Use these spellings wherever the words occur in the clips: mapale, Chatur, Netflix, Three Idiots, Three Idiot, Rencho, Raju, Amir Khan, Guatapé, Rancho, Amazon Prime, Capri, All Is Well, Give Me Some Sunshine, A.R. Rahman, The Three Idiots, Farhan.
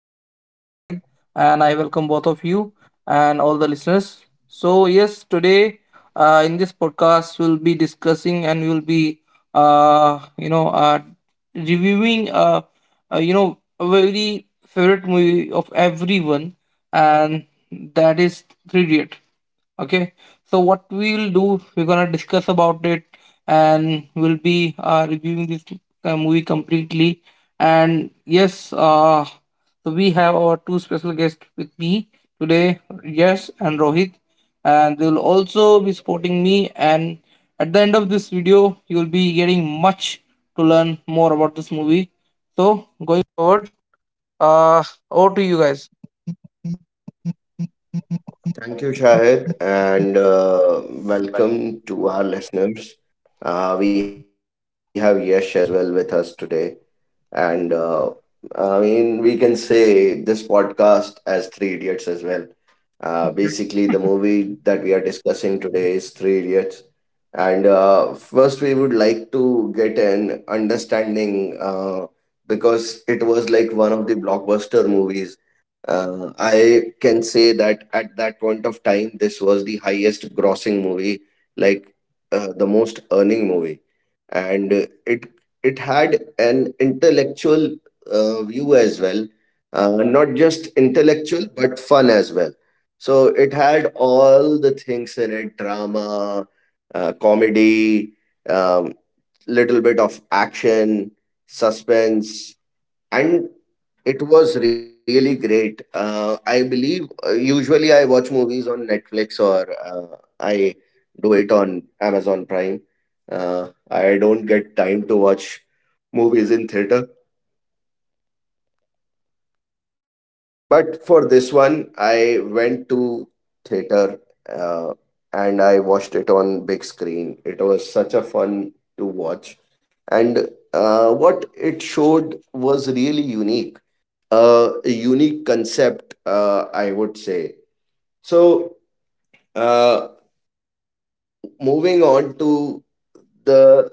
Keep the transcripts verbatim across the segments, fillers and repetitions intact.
So, this is Shahid, and I welcome both of you and all the listeners. So, yes, today uh, in this podcast, we'll be discussing and we'll be, uh, you know, uh, reviewing, uh, uh, you know, a very favorite movie of everyone, and that is Three Idiot. Okay, so what we'll do, we're gonna discuss about it, and we'll be uh, reviewing this uh, movie completely. And yes, uh, so we have our two special guests with me today, Yes and Rohit, and they will also be supporting me. And at the end of this video, you'll be getting much to learn more about this movie. Thank you, Shahid, and uh, welcome to our listeners. Uh, we have Yash as well with us today, and uh, I mean, we can say this podcast as Three Idiots as well. Uh, basically, the movie that we are discussing today is Three Idiots, and uh, first we would like to get an understanding uh, because it was like one of the blockbuster movies uh, I can say that at that point of time, this was the highest grossing movie, like uh, the most earning movie, and uh, it it had an intellectual uh, view as well, uh, not just intellectual but fun as well. So it had all the things in it: drama, uh, comedy, um, little bit of action, suspense, and it was really great. Uh, I believe uh, usually I watch movies on Netflix or uh, I do it on Amazon Prime. Uh, I don't get time to watch movies in theater. But for this one, I went to theater uh, and I watched it on big screen. It was such a fun to watch. And uh, what it showed was really unique. A unique concept, uh, I would say. So, uh, moving on to the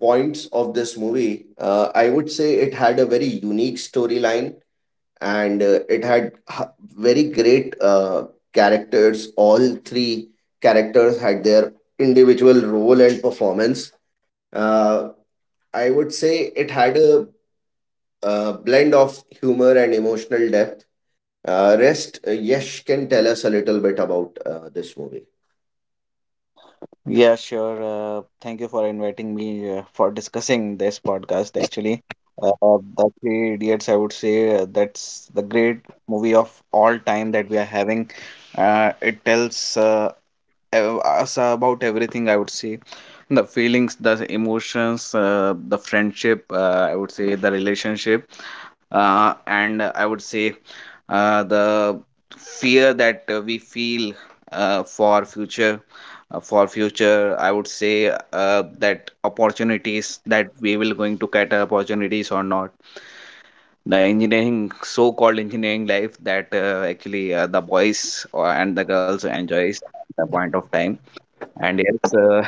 points of this movie, uh, I would say it had a very unique storyline and uh, it had h- very great uh, characters. All three characters had their individual role and performance. Uh, I would say it had a, uh blend of humor and emotional depth. Uh, rest, uh, Yash can tell us a little bit about uh, this movie. Yeah, sure. Uh, thank you for inviting me uh, for discussing this podcast. Actually, uh, uh, The Three Idiots, I would say uh, that's the great movie of all time that we are having. Uh, it tells uh, ev- us about everything, I would say. The feelings, the emotions, uh, the friendship, uh, I would say, the relationship, uh, and uh, I would say uh, the fear that uh, we feel uh, for future uh, for future, I would say uh, that opportunities that we will going to cater opportunities or not. The engineering, so-called engineering life that uh, actually uh, the boys or, and the girls enjoys at the point of time, and it's uh,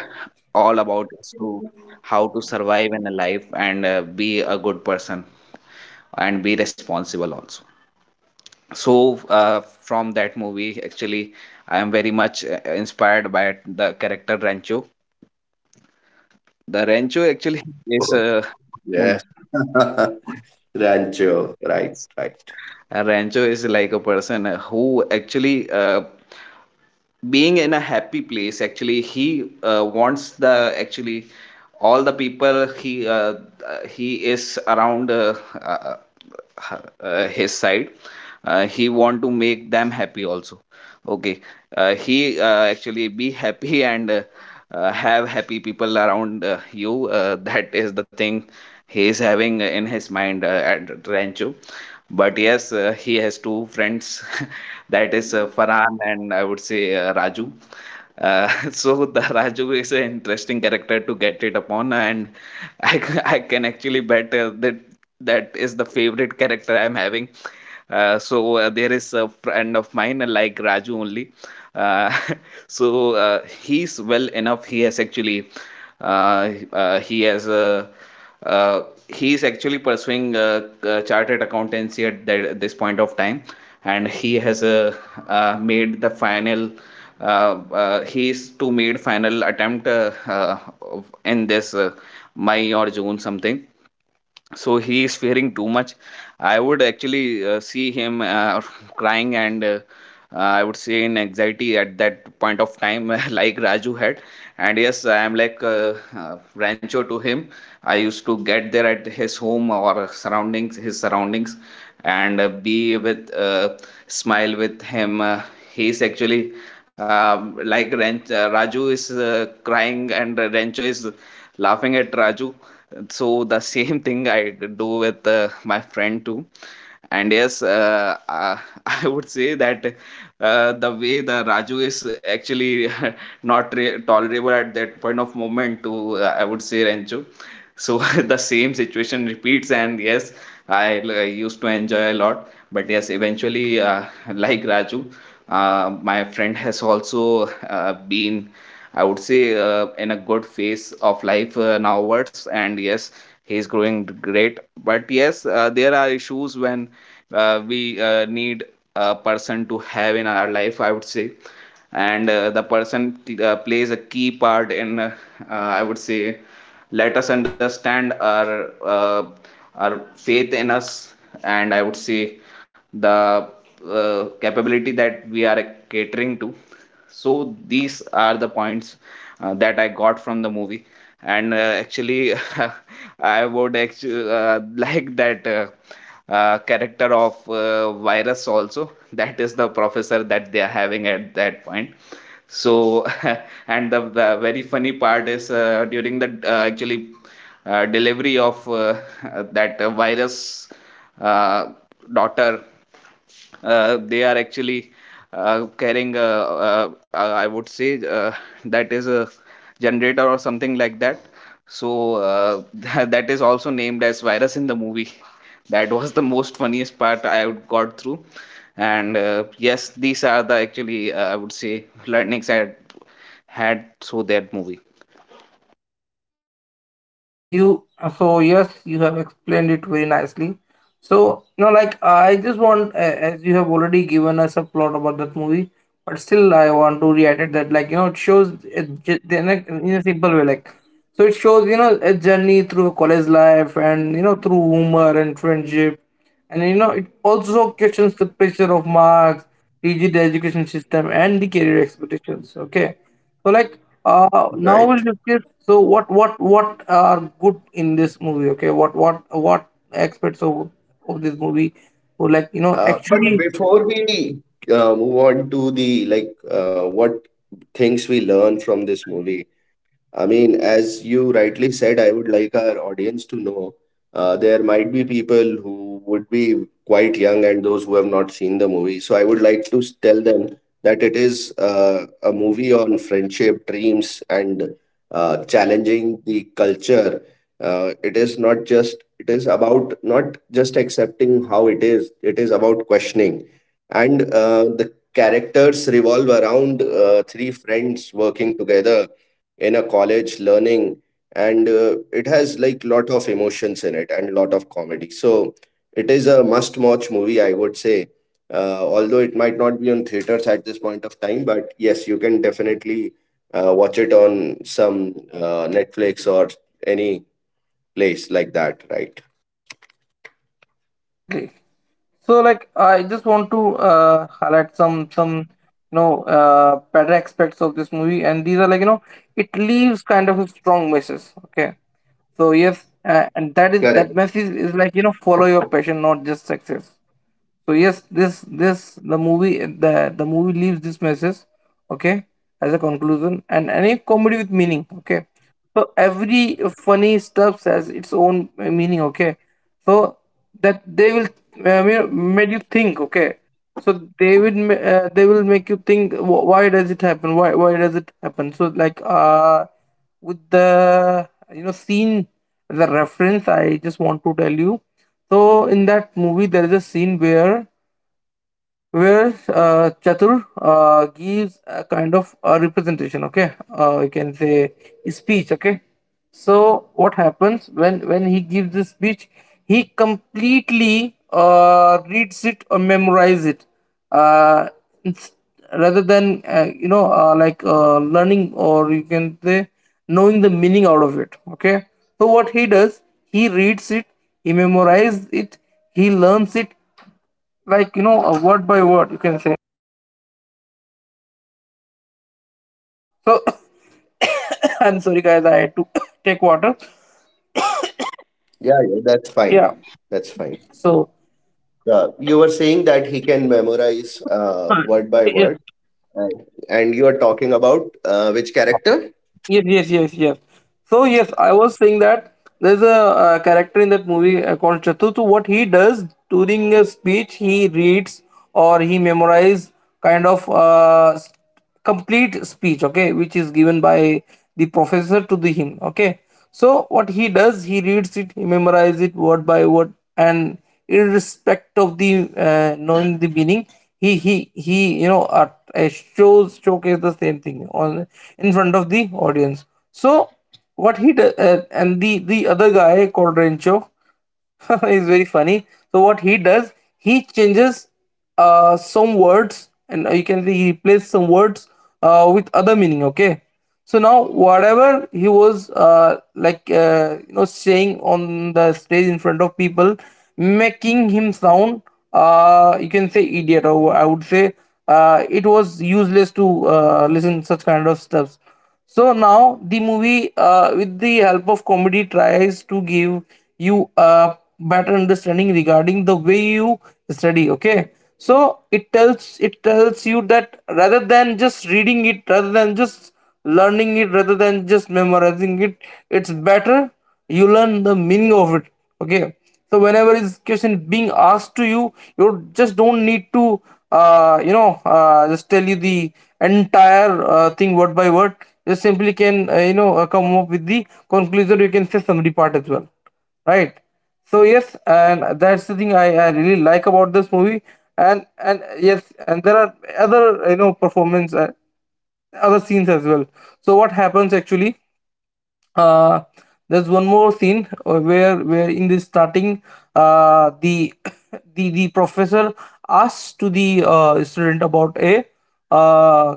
all about is to how to survive in a life and uh, be a good person and be responsible also. So uh, from that movie, actually, I am very much uh, inspired by the character Rancho. The Rancho actually Oh, is a, yes. hmm, Rancho, right, right, a Rancho is like a person uh, who actually uh, being in a happy place actually he uh, wants the actually all the people he uh, uh, he is around uh, uh, uh, his side, uh, he want to make them happy also. Okay. Uh, he uh, actually be happy and uh, uh, have happy people around uh, you, uh, that is the thing he is having in his mind uh, at Rancho. But yes, uh, he has two friends, that is uh, Farhan and I would say uh, Raju. Uh, so the Raju is an interesting character to get it upon, and I, c- I can actually bet uh, that that is the favorite character I'm having. Uh, so uh, there is a friend of mine uh, like Raju only. Uh, so uh, he's well enough. He has actually uh, uh, he has a uh, he is actually pursuing uh, uh, chartered accountancy at that, this point of time, and he has uh, uh, made the final. Uh, uh, he is to made final attempt uh, uh, of- in this uh, May or June something. So he is fearing too much. I would actually uh, see him uh, crying and uh, I would say in anxiety at that point of time, like Raju had. And yes, I am like uh, uh, Rancho to him. I used to get there at his home or surroundings, his surroundings, and uh, be with uh, smile with him. Uh, he is actually, um, like Ran- uh, Raju is uh, crying and Rancho is laughing at Raju. So the same thing I do with uh, my friend too. And yes, uh, uh, I would say that uh, the way the Raju is actually not re- tolerable at that point of moment to, uh, I would say, Rancho. So the same situation repeats, and yes, I l- I used to enjoy a lot. But yes, eventually, uh, like Raju, uh, my friend has also uh, been, I would say, uh, in a good phase of life uh, nowadays. And yes, he's growing great. But yes, uh, there are issues when uh, we uh, need a person to have in our life, I would say. And uh, the person uh, plays a key part in, uh, uh, I would say, let us understand our uh, our faith in us. And I would say the uh, capability that we are catering to. So these are the points uh, that I got from the movie, and uh, actually, I would actually uh, like that uh, uh, character of uh, virus also, that is the professor that they are having at that point. So and the, the very funny part is uh, during the uh, actually uh, delivery of uh, that uh, virus uh, daughter. Uh, they are actually uh, carrying a, uh uh, I would say, uh, that is a generator or something like that. So uh, that is also named as virus in the movie. That was the most funniest part I would got through. And uh, yes, these are the actually, uh, I would say, learnings I had had through that movie. Uh, you So yes, you have explained it very nicely. So now, like I just want, a- as you have already given us a plot about that movie, but still I want to reiterate that, like you know, it shows it ju- in a, in a simple way, like so it shows, you know, a journey through college life and you know through humor and friendship. And you know, it also questions the pressure of marks, rigid education system, and the career expectations. Okay, so like uh, now right. we'll discuss. So what what what are good in this movie? Okay, what what what aspects of of this movie? So like you know, Uh, but actually, before we uh, move on to the like uh, what things we learn from this movie, I mean, as you rightly said, I would like our audience to know uh, there might be people who would be quite young and those who have not seen the movie. So I would like to s- tell them that it is uh, a movie on friendship, dreams, and uh, challenging the culture. Uh, it is not just, it is about not just accepting how it is, it is about questioning. And uh, the characters revolve around uh, three friends working together in a college learning, and uh, it has like lot of emotions in it and lot of comedy, so it is a must watch movie, I would say. Uh, although it might not be on theaters at this point of time, but yes, you can definitely uh, watch it on some uh, Netflix or any place like that, right? exactly. So, like, I just want to uh, highlight some some you know uh, better aspects of this movie, and these are like you know it leaves kind of a strong message. Okay, so yes, Correct. uh, and that is that message is like you know follow your passion, not just success. So yes, this this the movie, the the movie leaves this message, okay, as a conclusion, and any comedy with meaning, okay, so every funny stuff has its own uh, meaning, okay, so that they will uh, ma- made you think, okay, so they will ma- uh, they will make you think wh- why does it happen, why why does it happen. So like uh with the, you know, scene, the reference I just want to tell you. So in that movie, there is a scene where where uh, Chatur uh, gives a kind of a representation, okay? Uh, you can say speech, okay? So what happens when when he gives this speech? He completely uh, reads it or memorize it, uh, ins- rather than uh, you know uh, like uh, learning or you can say knowing the meaning out of it. Okay. So what he does, he reads it, he memorizes it, he learns it like you know a word by word you can say. So I'm sorry guys, I had to take water, Yeah, yeah, that's fine. yeah, That's fine. so uh, You were saying that he can memorize uh, word by yes. word, and and you are talking about uh, which character? Yes, yes, yes, yes. So yes, I was saying that there's a, uh character in that movie uh, called Chatu. So what he does during a speech, he reads or he memorizes kind of uh, s- complete speech, okay, which is given by the professor to the him, okay. So what he does, he reads it, he memorizes it word by word, and irrespective of the uh, knowing the meaning, he he he you know at a shows showcase the same thing on in front of the audience. So what he does, uh, and the the other guy called Rencho, it's very funny. So what he does, he changes uh, some words, and uh, you can see he replaces some words uh, with other meaning. Okay, so now whatever he was uh, like uh, you know saying on the stage in front of people, making him sound, uh, you can say, idiot, or I would say uh, it was useless to uh, listen such kind of stuffs. So now the movie, uh, with the help of comedy, tries to give you a better understanding regarding the way you study, okay. So it tells it tells you that rather than just reading it, rather than just learning it, rather than just memorizing it, it's better you learn the meaning of it, okay. So whenever this question being asked to you, you just don't need to uh, you know uh, just tell you the entire uh, thing word by word. You simply can uh, you know uh, come up with the conclusion, you can say summary part as well, right? So yes, and that's the thing i, I really like about this movie. and and yes, and there are other, you know, performance, uh, other scenes as well. So what happens actually? uh there's one more scene uh, where where in the starting uh the the the professor asks to the uh student about a uh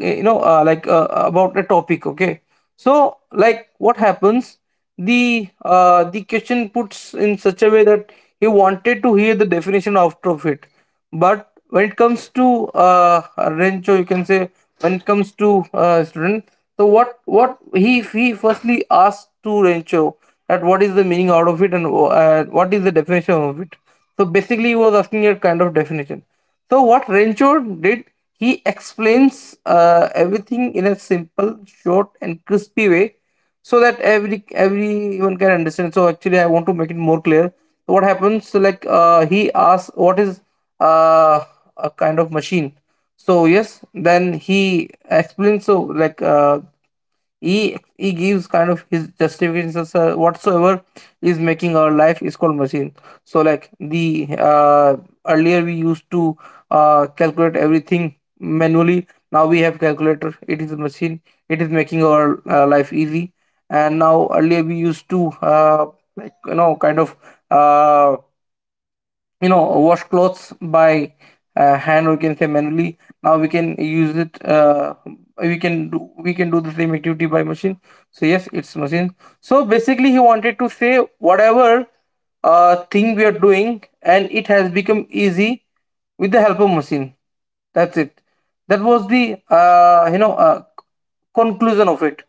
you know uh, like uh, about a topic, okay. So like what happens, the uh the question puts in such a way that he wanted to hear the definition after of it. But when it comes to uh, Rencho, you can say, when it comes to uh, student. So what what he he firstly asked to Rencho, that what is the meaning out of it and uh, what is the definition of it. So basically, he was asking a kind of definition. So what Rencho did, he explains uh, everything in a simple, short, and crispy way, so that every everyone can understand. So actually, I want to make it more clear. So what happens? So like uh, he asks, what is uh, a kind of machine. So yes then he explains, so like uh, he he gives kind of his justifications, uh, whatsoever is making our life is called machine. So like the uh, earlier we used to uh, calculate everything manually, now we have calculator, it is a machine, it is making our uh, life easy. And now earlier we used to uh, like you know kind of uh, you know wash clothes by uh, hand, or we can say manually, now we can use it, uh, we can do we can do the same activity by machine, so yes it's machine. So basically he wanted to say whatever uh, thing we are doing and it has become easy with the help of machine, that's it. That was the uh, you know uh, conclusion of it.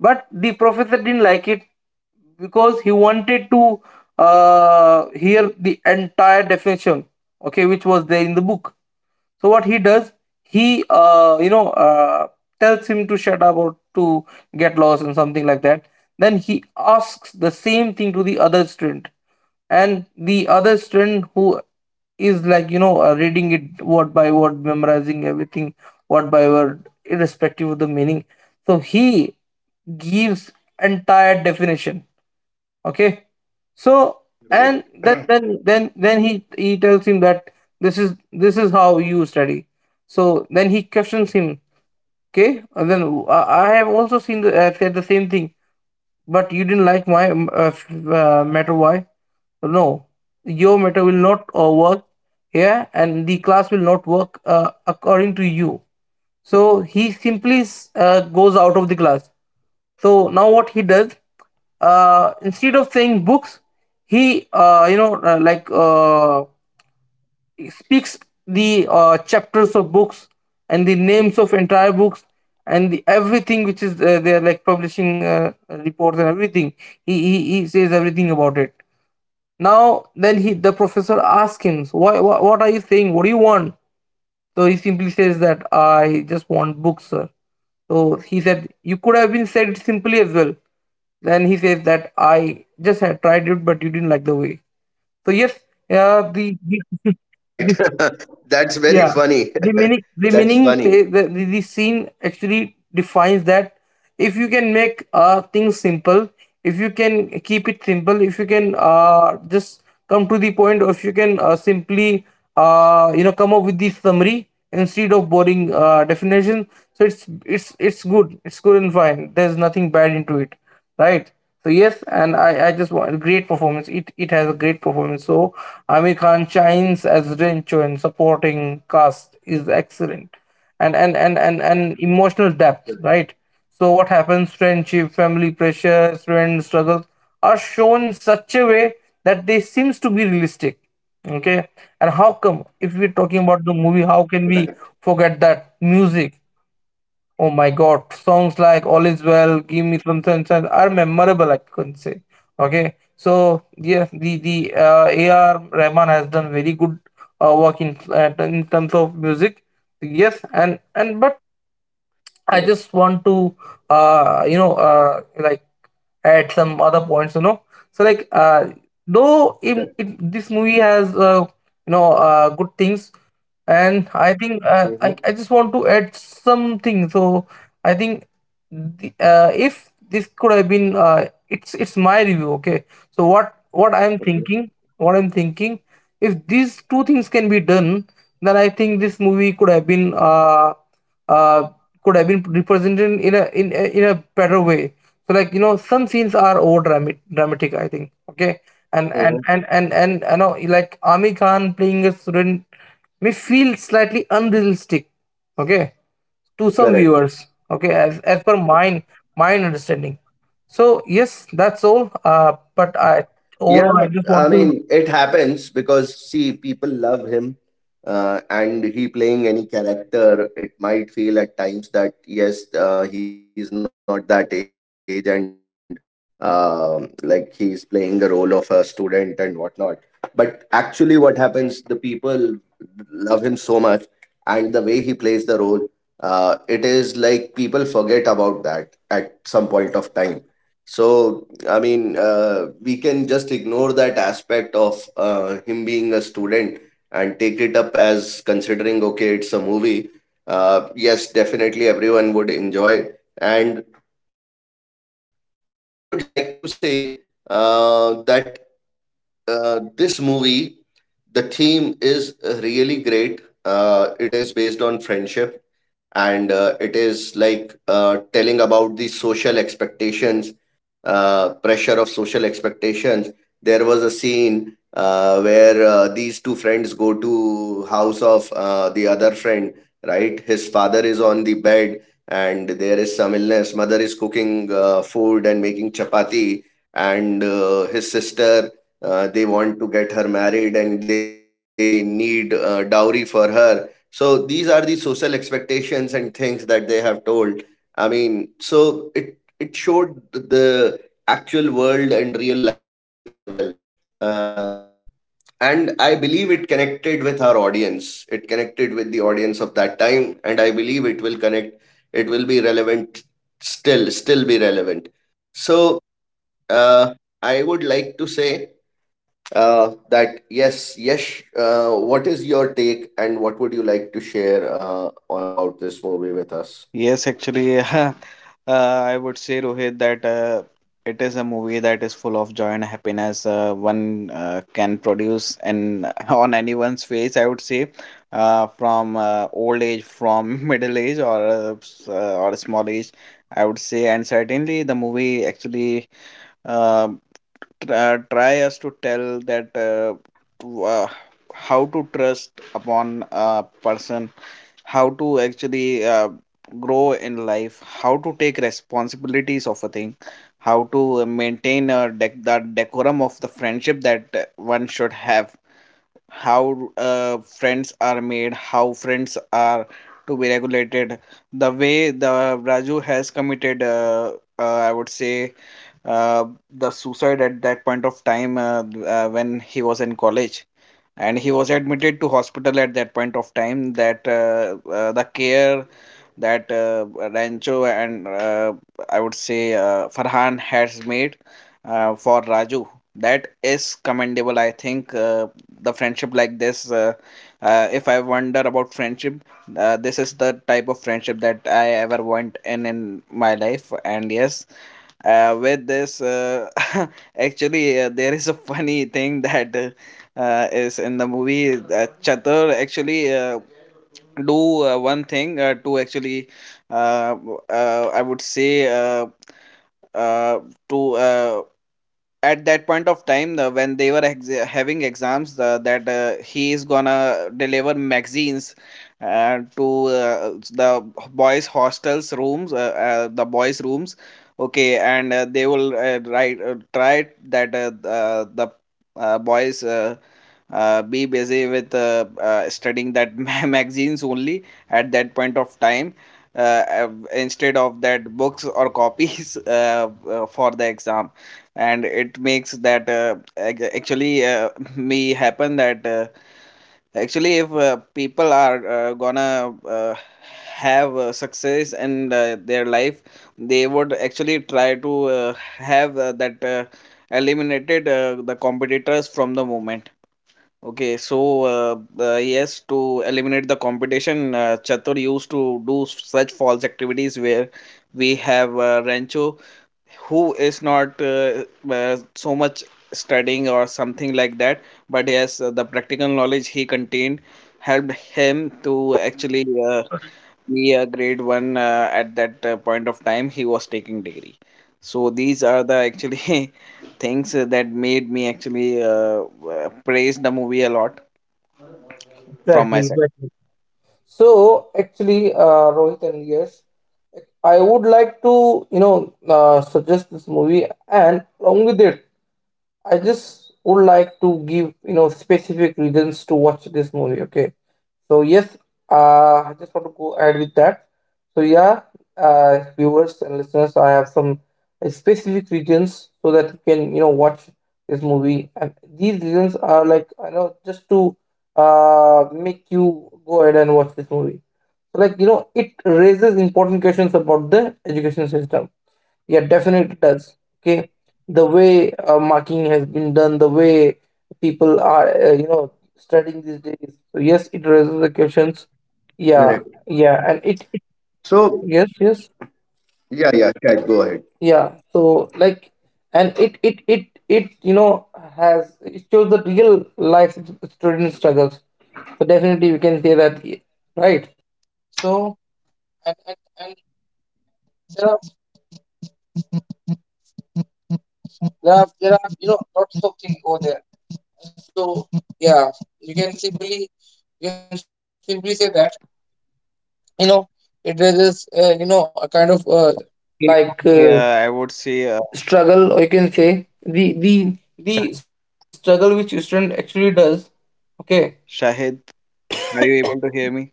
But the professor didn't like it because he wanted to uh, hear the entire definition, okay, which was there in the book. So what he does, he uh, you know uh, tells him to shut up or to get lost and something like that. Then he asks the same thing to the other student, and the other student who is like you know uh, reading it word by word, memorizing everything word by word, irrespective of the meaning. So he gives entire definition, okay. So and then then Right. then then he he tells him that this is, this is how you study. So then he questions him, okay, and then uh, I have also seen the, uh, said the same thing, but you didn't like my um, uh, f- uh, matter. Why? No, your matter will not uh, work here, and the class will not work uh, according to you. So he simply s- uh, goes out of the class. So now what he does, uh, instead of saying books, he uh, you know uh, like uh, speaks the uh, chapters of books, and the names of entire books, and the, everything which is, uh, they are like publishing uh, reports and everything, he, he he says everything about it. Now then he, the professor asks him, so why, why what are you saying, what do you want? So he simply says that I just want books, sir. So he said you could have been said simply as well. Then he says that I just had tried it, but you didn't like the way. So yes, uh, the, the, Right. the- That's very yeah, funny. the meaning the That's meaning funny. say the, the, the scene actually defines that if you can make uh, things simple, if you can keep it simple, if you can uh, just come to the point, or if you can uh, simply, uh, you know come up with the summary instead of boring uh, definition. So it's it's it's good it's good and fine, there's nothing bad into it, right? So yes, and i i just want great performance. it it has a great performance. So Amir Khan shines as Rencho, and supporting cast is excellent. And and and and, and emotional depth, right? So what happens? Friendship, family pressures, friend struggles are shown in such a way that they seems to be realistic. Okay, and how come if we're talking Right. about the movie, how can we forget that music? Oh my God, songs like Yeah. "All Is Well," "Give Me Some Sunshine" are memorable, I can say. Okay, so yes, the the uh, A R. Rahman has done very good uh, work in uh, in terms of music. Yes, and and but Correct. I just want to, uh, you know, uh, like add some other points, you know. So like, uh, Correct. though it, it, this movie has, uh, you know, uh, good things, and I think uh, Mm-hmm. I I just want to add something. So I think the, uh, if this could have been, uh, it's it's my review, okay. So what what I'm Mm-hmm. thinking, what I'm thinking, if these two things can be done, then I think this movie could have been, uh, uh could have been represented in a in a, in a better way. So like you know some scenes are over dramatic dramatic, I think, okay. and and Mm-hmm. and and and you know, like Ami Khan playing a student may feel slightly unrealistic, okay, to some Correct. viewers, okay, as, as per mine mine understanding. So yes, that's all, uh but I Yeah, overall I just I want to, mean, it happens because see, people love him, uh, and he playing any character, it might feel at times that yes, uh, he's not that age, and um, like he's playing the role of a student and whatnot. But actually, what happens, the people love him so much, and the way he plays the role, uh, it is like people forget about that at some point of time. So I mean, uh, we can just ignore that aspect of uh, him being a student and take it up as considering, okay, it's a movie. Uh, yes, definitely everyone would enjoy it. And I would like to say uh, that uh, this movie, the theme is really great. Uh, it is based on friendship, and uh, it is like uh, telling about the social expectations, uh, pressure of social expectations. There was a scene uh, where uh, these two friends go to house of uh, the other friend. Right, his father is on the bed and there is some illness. Mother is cooking uh, food and making chapati, and uh, his sister. Uh, they want to get her married and they need uh, dowry for her. So these are the social expectations and things that they have told. I mean, so it it showed the actual world and real life as well, uh, and I believe it connected with our audience, it connected with the audience of that time, and I believe it will connect, it will be relevant, still still be relevant. So uh, I would like to say uh, that yes yes uh, what is your take and what would you like to share uh, about this movie with Yes, us? actually, uh, I would say, Rohit, that uh, it is a movie that is full of joy and happiness. Uh, one uh, can produce and on anyone's face, I would say, uh, from uh, old age, from middle age, or uh, s- uh, or small age, I would say. And certainly, the movie actually um try, try us to tell that uh, to, uh, how to trust upon a person, how to actually uh, grow in life, how to take responsibilities of a thing, how to maintain a dec- that decorum of the friendship that uh, one should have, how uh, friends are made, how friends are to be regulated. The way the Raju has committed uh, uh, I would say uh, the suicide at that point of time, uh, uh, when he was in college and he was admitted to hospital at that point of time, that uh, uh, the care that uh, Rancho and uh, I would say uh, Farhan has made uh, for Raju, that is commendable. I think uh, the friendship like this, uh, uh, if I wonder about friendship, uh, this is the type of friendship that I ever want in in my life. And yes, uh, with this, uh, actually, uh, there is a funny thing that uh, uh, is in the movie. uh, Chatur actually uh, do uh, one thing uh, to actually uh, w- uh, I would say, uh, uh, to uh, at that point of time uh, when they were ex- having exams, uh, that uh, he is gonna deliver magazines uh, to uh, the boys hostels rooms, uh, uh, the boys rooms. Okay, and uh, they will uh, write uh, try that uh, uh, the uh, boys uh, uh, be busy with uh, uh, studying that ma- magazines only at that point of time, uh, uh, instead of that books or copies, uh, uh, for the exam. And it makes that uh, ac- actually, uh, me happen that uh, actually if uh, people are uh, gonna uh, have uh, success in uh, their life, they would actually try to uh, have uh, that uh, eliminated uh, the competitors from the moment. Okay, so uh, uh, yes, to eliminate the competition, uh, Chatur used to do such false activities, where we have uh, Rancho who is not uh, uh, so much studying or something like that. But yes, uh, the practical knowledge he contained helped him to actually uh, be a grade one uh, at that uh, point of time he was taking degree. So these are the actually things uh, that made me actually uh, uh, praise the movie a lot from my exactly, side. exactly. So actually, uh Rohit and Yes, I would like to, you know, uh, suggest this movie, and along with it, I just would like to give, you know, specific reasons to watch this movie. Okay, so yes, uh, I just want to go ahead with that. So yeah, uh, viewers and listeners, I have some uh, specific reasons so that you can, you know, watch this movie, and these reasons are like, you know, just to uh make you go ahead and watch this movie. Like you know, it raises important questions about the education system, yeah, definitely does, okay. The way uh, marking has been done, the way people are, uh, you know, studying these days, so yes it raises the questions. Correct. Yeah, yeah, and it, it, So yes, yes, yeah, yeah, Shahid, go ahead. yeah, so like, and it it it it you know, has it shows the real life student struggles, so definitely we can say that, right? Yeah, I would say uh, Shah- Shahid, are you able to hear Hello. me?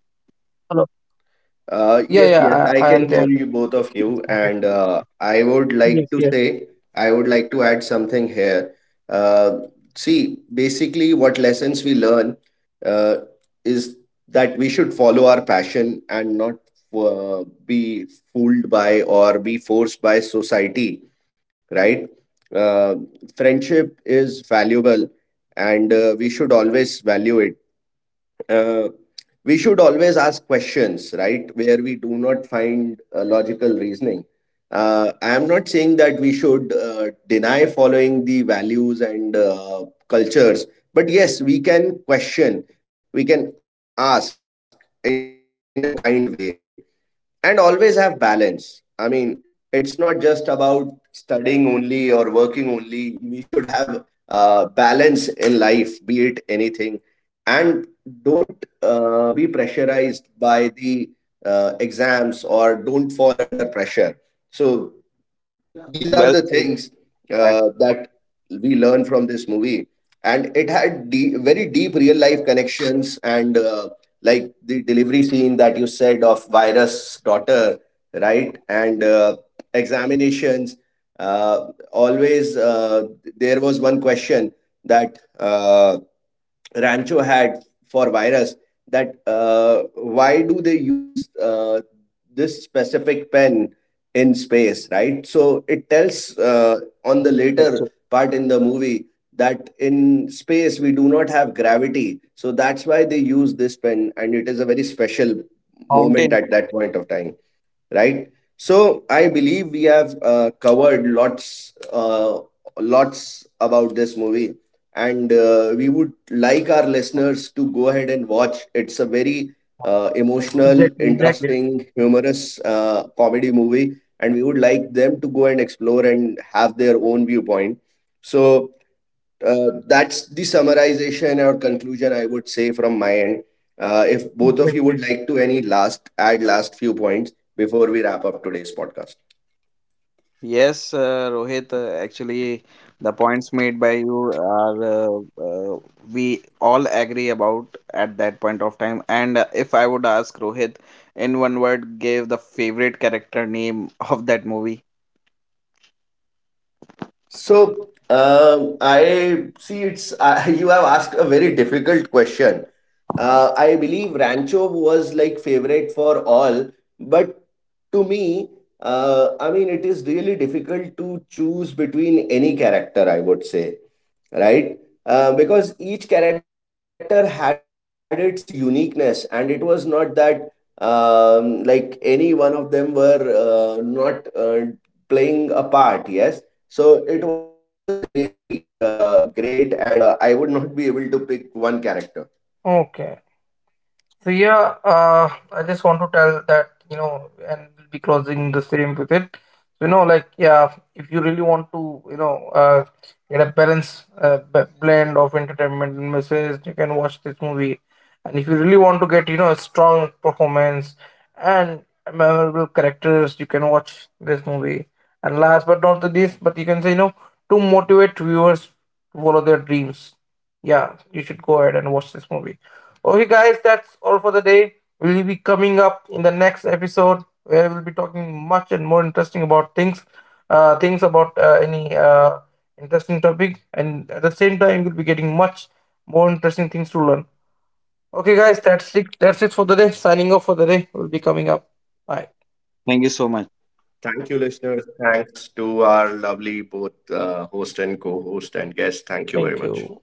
Yeah, Uh, yes, yeah. yes, I can hear you both of you, and uh, I would like to say, I would like to add something here. Uh, See, basically, what lessons we learn uh, is that we should follow our passion and not uh, be fooled by or be forced by society, right? Uh, Friendship is valuable, and uh, we should always value it. uh, we should always ask questions, right, where we do not find uh, logical reasoning. Uh, I am not saying that we should uh, deny following the values and uh, cultures, but yes, we can question, we can ask in a kind way, and always have balance. I mean, it's not just about studying only or working only. We should have uh, balance in life, be it anything, and don't uh, be pressurized by the uh, exams or don't fall under pressure. So these are Well the said. things That's uh, that we learn from this movie, and it had de- very deep real life connections, and uh, like the delivery scene that you said of virus daughter, right? And uh, examinations, uh, always uh, there was one question that uh, Rancho had for virus, that uh, why do they use uh, this specific pen in space, right? So it tells uh, on the such a later part in the movie that in space we do not have gravity. So that's why they use this pen, and it is a very special fountain. moment at that point of time, right? So I believe we have uh, covered lots, uh, lots about this movie, and uh, we would like our listeners to go ahead and watch. It's a very uh, Exactly, emotional, exactly, interesting, humorous uh, comedy movie, and we would like them to go and explore and have their own viewpoint. So uh, that's the summarization or conclusion I would say from my end. Uh, if both exactly. of you would like to any last add last few points before we wrap up today's podcast. Yes, uh, Rohit, uh, actually, the points made by you are uh, uh, we all agree about at that point of time. And uh, if I would ask Rohit, in one word, give the favorite character name of that movie. So, um, I see it's uh, you have asked a very difficult question. Uh, I believe Rancho was like favorite for all, but to me, uh, I mean, it is really difficult to choose between any character, I would say, right? Uh, because each character had its uniqueness, and it was not that um, like any one of them were uh, not uh, playing a part, yes, so it was really uh, great, and uh, I would not be able to pick one character. Okay. So yeah, uh, I just want to tell that you know, and we'll be closing the stream with it. So, you know, like yeah, if you really want to, you know, uh, get a balanced uh, b- blend of entertainment and message, you can watch this movie. And if you really want to get, you know, a strong performance and memorable characters, you can watch this movie. And last but not the least, but you can say, you know, to motivate viewers to follow their dreams. Yeah, you should go ahead and watch this movie. Okay, guys, that's all for the day. We'll be coming up in the next episode where we'll be talking much and more interesting about things, uh, things about uh, any uh, interesting topic, and at the same time, you'll be getting much more interesting things to learn. Okay, guys, that's it. That's it for the day. Signing off for the day. We'll be coming up. Bye. Thank you so much. Thank you, listeners. Thanks to our lovely both uh, host and co host and guest. Thank you very Thank much. you.